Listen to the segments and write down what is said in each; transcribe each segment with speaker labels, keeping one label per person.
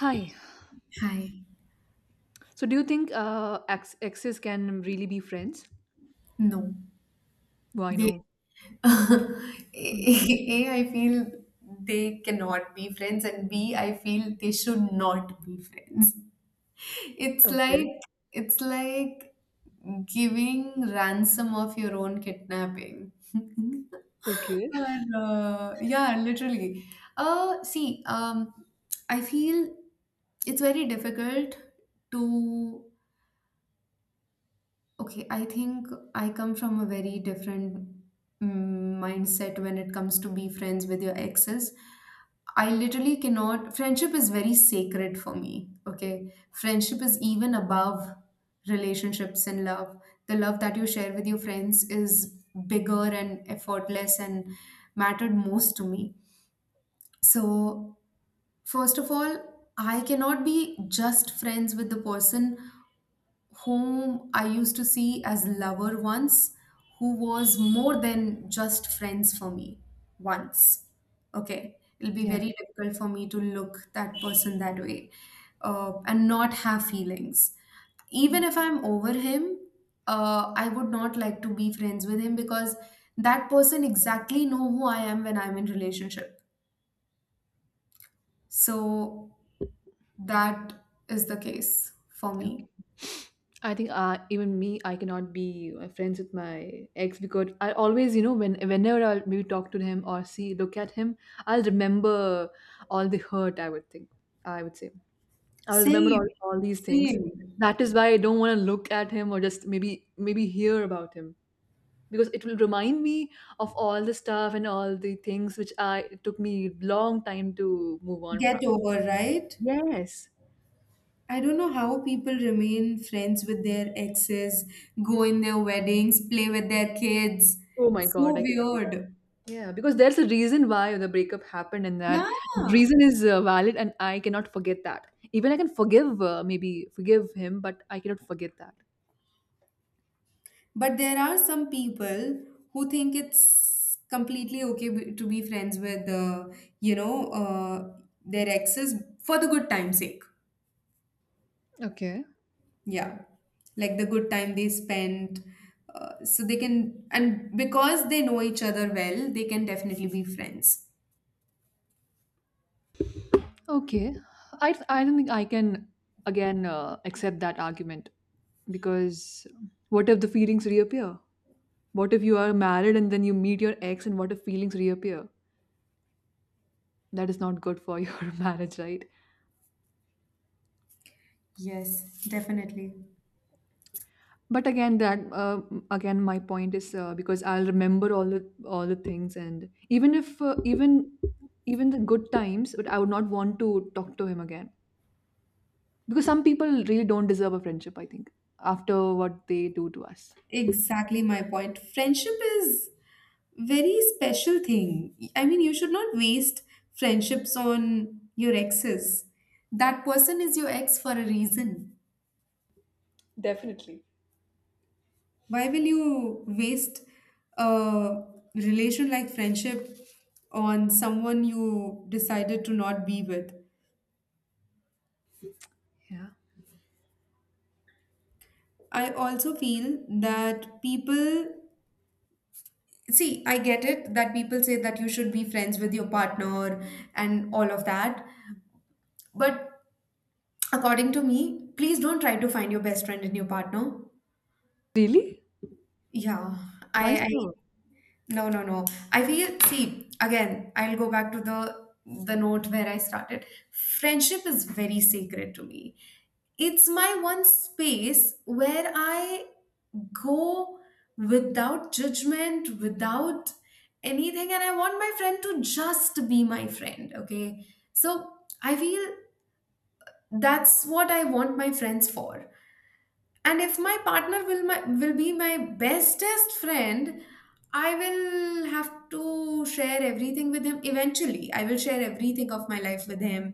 Speaker 1: Hi.
Speaker 2: Hi.
Speaker 1: So, do you think exes can really be friends?
Speaker 2: No,
Speaker 1: Why
Speaker 2: they.
Speaker 1: no? Mm.
Speaker 2: A, I feel they cannot be friends, and B, I feel they should not be friends. It's like
Speaker 1: Okay.
Speaker 2: it's like giving ransom of your own kidnapping.
Speaker 1: Okay.
Speaker 2: Or, yeah, literally. See, I feel it's very difficult to. Okay, I think I come from a very different mindset when it comes to be friends with your exes. I literally cannot, friendship is very sacred for me. Okay, friendship is even above relationships and love. The love that you share with your friends is bigger and effortless and mattered most to me. So, first of all, I cannot be just friends with the person whom I used to see as lover once, who was more than just friends for me once. Okay, it'll be
Speaker 1: Yeah.
Speaker 2: very difficult for me to look that person that way, and not have feelings.
Speaker 1: Mm.
Speaker 2: Even if I'm over him, I would not like to be friends with him because that person exactly know who I am when I'm in relationship. So that is the case for
Speaker 1: Okay.
Speaker 2: me.
Speaker 1: I think even me, I cannot be friends with my ex because I always, you know, when whenever I'll maybe talk to him or see, look at him, I'll remember all the hurt. I would think. I would say I'll remember
Speaker 2: Same,
Speaker 1: all these things.
Speaker 2: same.
Speaker 1: That is why I don't want to look at him or just maybe hear about him, because it will remind me of all the stuff and all the things which I it took me long time to move on
Speaker 2: Get
Speaker 1: from.
Speaker 2: over, right?
Speaker 1: Yes.
Speaker 2: I don't know how people remain friends with their exes, go in their weddings, play with their kids.
Speaker 1: Oh my god,
Speaker 2: So
Speaker 1: I cannot do that.
Speaker 2: weird.
Speaker 1: Yeah, because there's a reason why the breakup happened, and that
Speaker 2: Yeah.
Speaker 1: reason is valid, and I cannot forget that. Even I can forgive, maybe forgive him, but I cannot forget that.
Speaker 2: But there are some people who think it's completely okay to be friends with, you know, uh, their exes for the good time's sake.
Speaker 1: Okay,
Speaker 2: Yeah. Like the good time they spent. So they can, and because they know each other well, they can definitely be friends.
Speaker 1: okay. I don't think I can again accept that argument because what if the feelings reappear? What if you are married and then you meet your ex, and what if feelings reappear? That is not good for your marriage, right?
Speaker 2: Yes, definitely.
Speaker 1: But again, that again, my point is because I'll remember all the things, and even if even even the good times, but I would not want to talk to him again because some people really don't deserve a friendship. I think after what they do to us.
Speaker 2: Exactly my point. Friendship is very special thing. I mean, you should not waste friendships on your exes. That person is your ex for a reason.
Speaker 1: Definitely.
Speaker 2: Why will you waste a relation like friendship on someone you decided to not be with?
Speaker 1: Yeah.
Speaker 2: I also feel that people. See, I get it that people say that you should be friends with your partner and all of that. But according to me, please don't try to find your best friend in your partner.
Speaker 1: Really?
Speaker 2: Yeah,
Speaker 1: Why
Speaker 2: I
Speaker 1: so?
Speaker 2: no, no, no. I feel, see, again, I'll go back to the note where I started. Friendship is very sacred to me. It's my one space where I go without judgment, without anything, and I want my friend to just be my friend, okay? So I feel that's what I want my friends for. And if my partner will be my bestest friend, I will have to share everything with him. Eventually, I will share everything of my life with him,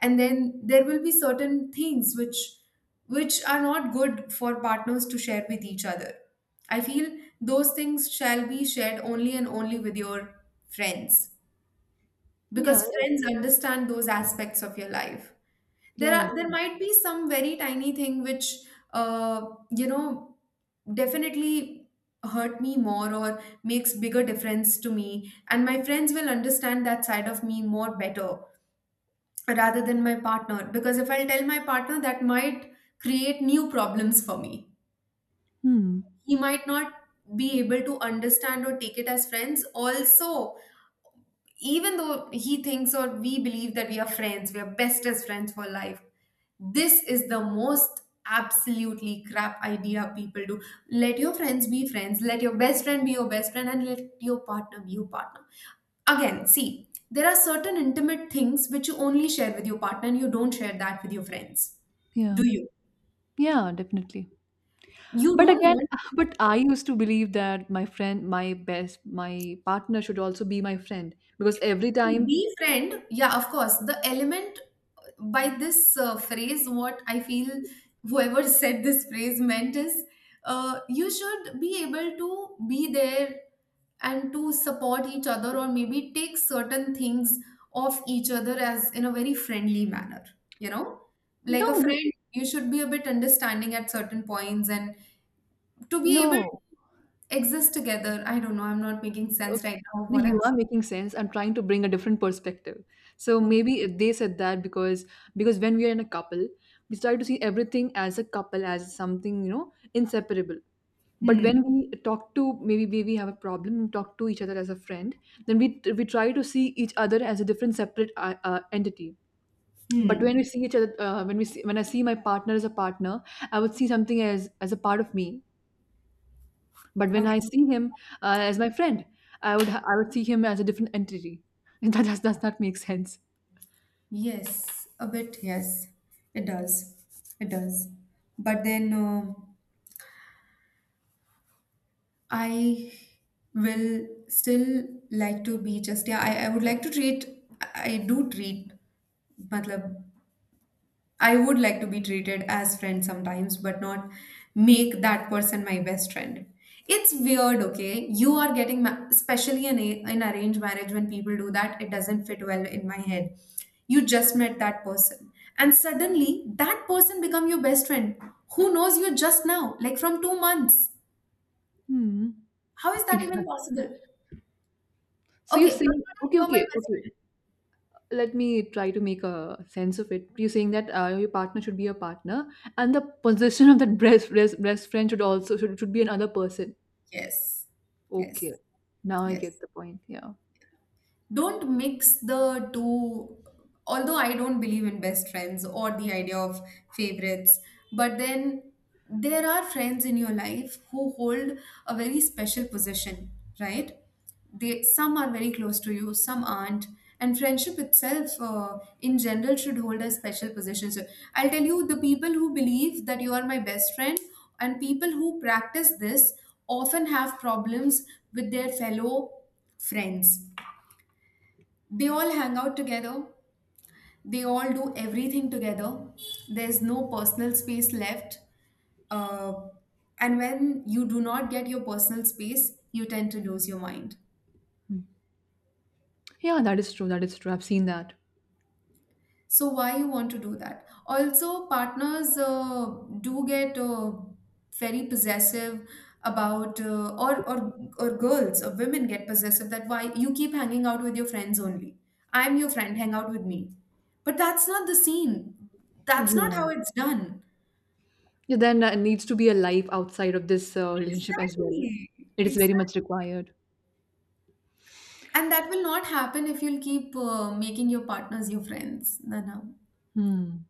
Speaker 2: and then there will be certain things which are not good for partners to share with each other. I feel those things shall be shared only and only with your friends,
Speaker 1: Yeah.
Speaker 2: because friends understand those aspects of your life.
Speaker 1: Yeah,
Speaker 2: there
Speaker 1: yeah.
Speaker 2: are there might be some very tiny thing which, uh, you know definitely hurt me more or makes bigger difference to me, and my friends will understand that side of me more better rather than my partner, because if I'll tell my partner that might create new problems for me.
Speaker 1: Hmm.
Speaker 2: He might not be able to understand or take it as friends also, even though he thinks or we believe that we are friends, we are bestest friends for life. This is the most absolutely crap idea people do. Let your friends be friends, let your best friend be your best friend, and let your partner be your partner. Again, see, there are certain intimate things which you only share with your partner and you don't share that with your friends.
Speaker 1: Yeah.
Speaker 2: Do you?
Speaker 1: Yeah. Definitely.
Speaker 2: You
Speaker 1: But
Speaker 2: don't
Speaker 1: again,
Speaker 2: want.
Speaker 1: but I used to believe that my partner should also be my friend because every time,
Speaker 2: Be friend, yeah, of course. The element by this phrase, what I feel whoever said this phrase meant is, you should be able to be there and to support each other or maybe take certain things off each other as in a very friendly manner, you know? Like
Speaker 1: no,
Speaker 2: a
Speaker 1: no,
Speaker 2: friend, you should be a bit understanding at certain points and to be able
Speaker 1: no,
Speaker 2: to exist together. I don't know, I'm not making sense
Speaker 1: okay,
Speaker 2: right now of
Speaker 1: no,
Speaker 2: what I'm
Speaker 1: you are
Speaker 2: saying.
Speaker 1: making sense. I'm trying to bring a different perspective. So
Speaker 2: Okay.
Speaker 1: maybe if they said that because when we are in a couple, we try to see everything as a couple, as something you know inseparable. But
Speaker 2: Hmm.
Speaker 1: when we talk to maybe we have a problem and talk to each other as a friend, then we try to see each other as a different separate entity. But
Speaker 2: Hmm.
Speaker 1: when we see each other when we see when I see my partner as a partner, I would see something as a part of me, but when
Speaker 2: Okay.
Speaker 1: I see him as my friend, I would I would see him as a different entity and that does not make sense.
Speaker 2: Yes, a bit, yes. It does. It does. But then, I will still like to be just, yeah, I would like to treat, I do treat, matlab, I would like to be treated as friend sometimes, but not make that person my best friend. It's weird, okay? You are getting, especially in arranged marriage, when people do that, it doesn't fit well in my head. You just met that person, and suddenly that person become your best friend. Who knows you just now, like from 2 months?
Speaker 1: Hmm.
Speaker 2: How is that even possible?
Speaker 1: So you're
Speaker 2: Okay, from
Speaker 1: saying
Speaker 2: today you're my best
Speaker 1: okay,
Speaker 2: friend.
Speaker 1: let me try to make a sense of it. You're saying that your partner should be your partner, and the possession of that breast friend should also should be another person.
Speaker 2: Yes, yes,
Speaker 1: Okay, now I get
Speaker 2: yes.
Speaker 1: the point. Yeah.
Speaker 2: Don't mix the two. Although I don't believe in best friends or the idea of favorites, but then there are friends in your life who hold a very special position, right? They, some are very close to you, some aren't. And friendship itself, in general, should hold a special position. So I'll tell you, the people who believe that you are my best friend and people who practice this often have problems with their fellow friends. They all hang out together, they all do everything together. There's no personal space left. Uh, and when you do not get your personal space, you tend to lose your mind.
Speaker 1: Hmm. Yeah, that is true, I've seen that.
Speaker 2: So, why you want to do that? Also, partners, do get, very possessive about, or girls or women get possessive that why you keep hanging out with your friends only. I'm your friend, hang out with me. But that's not the scene. That's not how it's done.
Speaker 1: Yeah, then needs to be a life outside of this relationship as well.
Speaker 2: Exactly.
Speaker 1: It is very
Speaker 2: Exactly.
Speaker 1: much required.
Speaker 2: And that will not happen if you'll keep, making your partners your friends. No, no.
Speaker 1: Hmm.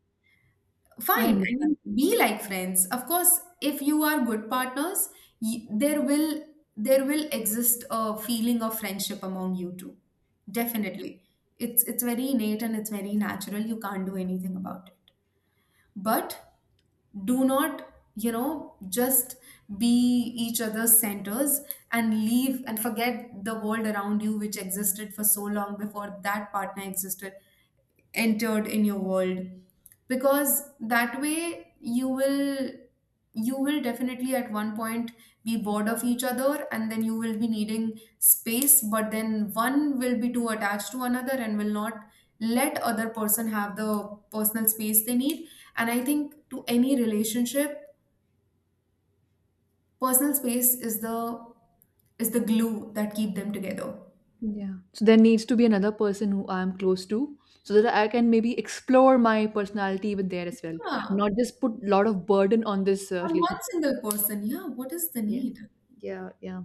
Speaker 1: I
Speaker 2: Fine. I
Speaker 1: understand.
Speaker 2: mean, be like friends. Of course, if you are good partners, y there will exist a feeling of friendship among you two. Definitely. It's very innate and it's very natural. You can't do anything about it. But do not, just be each other's centers and leave and forget the world around you which existed for so long before that partner existed, entered in your world. Because that way you will, definitely at one point be bored of each other, and then you will be needing space, but then one will be too attached to another and will not let other person have the personal space they need. And I think to any relationship, personal space is the glue that keep them together.
Speaker 1: Yeah. So there needs to be another person who I am close to, so that I can maybe explore my personality with there as well,
Speaker 2: Yeah,
Speaker 1: not just put a lot of burden on this
Speaker 2: on one
Speaker 1: relationship.
Speaker 2: single person. Yeah, what is the
Speaker 1: Yes.
Speaker 2: need?
Speaker 1: Yeah. Yeah.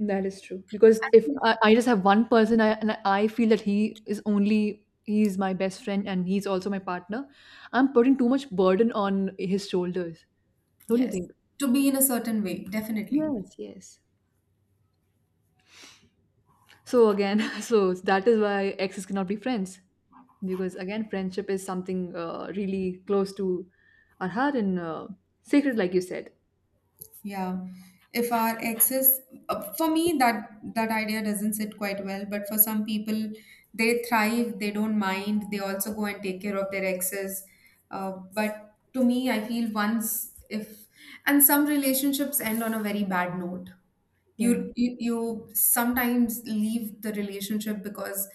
Speaker 1: That is true. Because if I just have one person, I, and I feel that he is only he's my best friend and he's also my partner, I'm putting too much burden on his shoulders. Don't you
Speaker 2: Yes.
Speaker 1: think?
Speaker 2: To be in a certain way, definitely.
Speaker 1: Yes, yes. So again, so that is why exes cannot be friends because again, friendship is something really close to our heart and sacred, like you said.
Speaker 2: Yeah. If our exes, for me, that idea doesn't sit quite well. But for some people, they thrive. They don't mind. They also go and take care of their exes. But to me, I feel once if. And some relationships end on a very bad note.
Speaker 1: Yeah.
Speaker 2: You sometimes leave the relationship because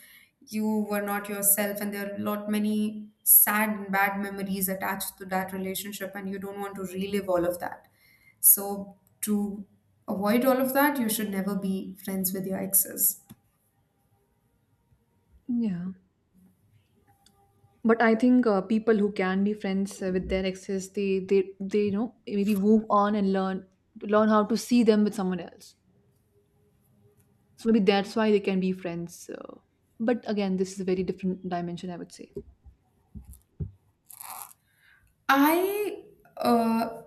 Speaker 2: you were not yourself, and there are a lot many sad and bad memories attached to that relationship and you don't want to relive all of that. So to avoid all of that, you should never be friends with your exes.
Speaker 1: Yeah, but I think people who can be friends with their exes, they, you know, maybe move on and learn how to see them with someone else. So maybe that's why they can be friends. But again, this is a very different dimension, I would say.
Speaker 2: I uh,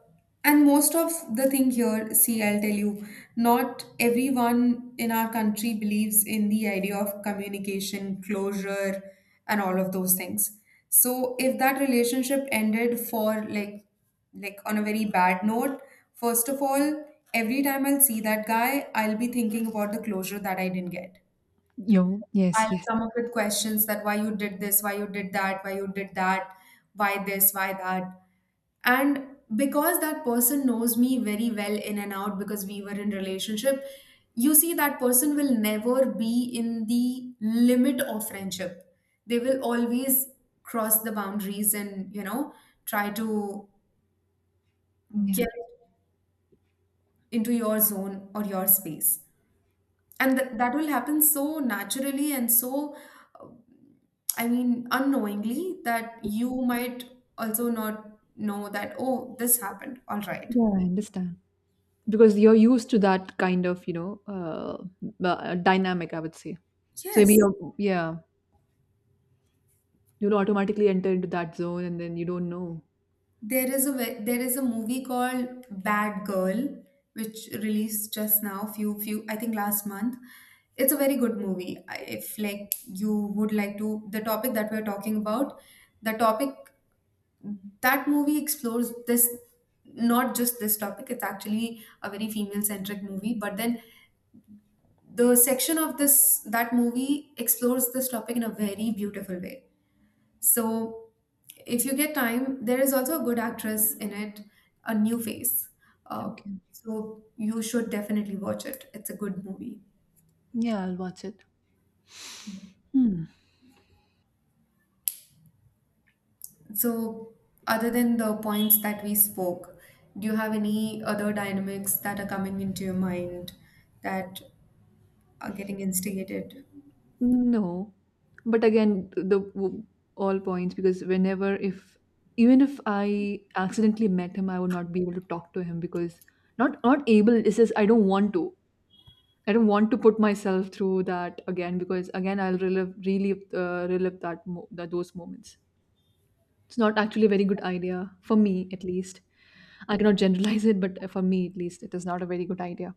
Speaker 2: and most of the thing here, see, I'll tell you, not everyone in our country believes in the idea of communication, closure, and all of those things. So if that relationship ended for like on a very bad note, first of all, every time I'll see that guy, I'll be thinking about the closure that I didn't get.
Speaker 1: Yo. Yes,
Speaker 2: I'll
Speaker 1: yes.
Speaker 2: come up with questions that why you did this, why you did that, why you did that, why this, why that. And because that person knows me very well in and out, because we were in relationship, you see that person will never be in the limit of friendship. They will always cross the boundaries and, try to
Speaker 1: Yeah,
Speaker 2: get into your zone or your space, and that will happen so naturally and so, I mean, unknowingly, that you might also not know that, oh, this happened, all right?
Speaker 1: yeah, I understand, because you're used to that kind of, you know, dynamic, I would say. So maybe
Speaker 2: Yes.
Speaker 1: you're, yeah, you'll automatically enter into that zone and then you don't know.
Speaker 2: There is a movie called Bad Girl, which released just now, few I think last month. It's a very good movie. If like you would like to, the topic that we're talking about, the topic that movie explores this, not just this topic. It's actually a very female centric movie, but then the section of this, that movie explores this topic in a very beautiful way. So, if you get time, there is also a good actress in it, a new face. Uh,
Speaker 1: Okay.
Speaker 2: so, you should definitely watch it. It's a good movie.
Speaker 1: Yeah, I'll watch it. Hmm.
Speaker 2: So, other than the points that we spoke, do you have any other dynamics that are coming into your mind that are getting instigated?
Speaker 1: No, but again, all points because whenever if even if I accidentally met him, I would not be able to talk to him because not able, it says I don't want to, I don't want to put myself through that again because again I'll relive that those moments. It's not actually a very good idea, for me at least. I cannot generalize it, but for me at least, it is not a very good idea.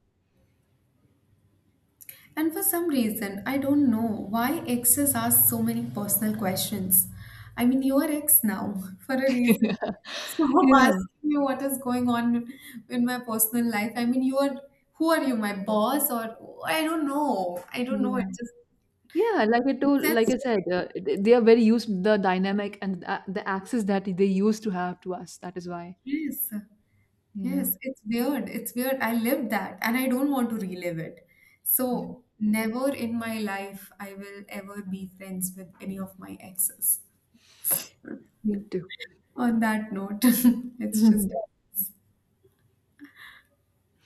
Speaker 2: And for some reason, I don't know why exes ask so many personal questions. I mean, you are ex now for a reason. Stop
Speaker 1: Yeah,
Speaker 2: asking me what is going on in my personal life. I mean, you are who are you, my boss or, I don't know. I don't know. It
Speaker 1: yeah,
Speaker 2: just
Speaker 1: yeah. Like I
Speaker 2: makes
Speaker 1: told, like
Speaker 2: sense
Speaker 1: I
Speaker 2: to
Speaker 1: said, they are very used to the dynamic and the access that they used to have to us. That is why.
Speaker 2: me. Yes,
Speaker 1: Yeah,
Speaker 2: yes. It's weird. It's weird. I lived that, and I don't want to relive it.
Speaker 1: yeah.
Speaker 2: So never in my life I will ever be friends with any of my exes.
Speaker 1: Me too.
Speaker 2: On that note, it's just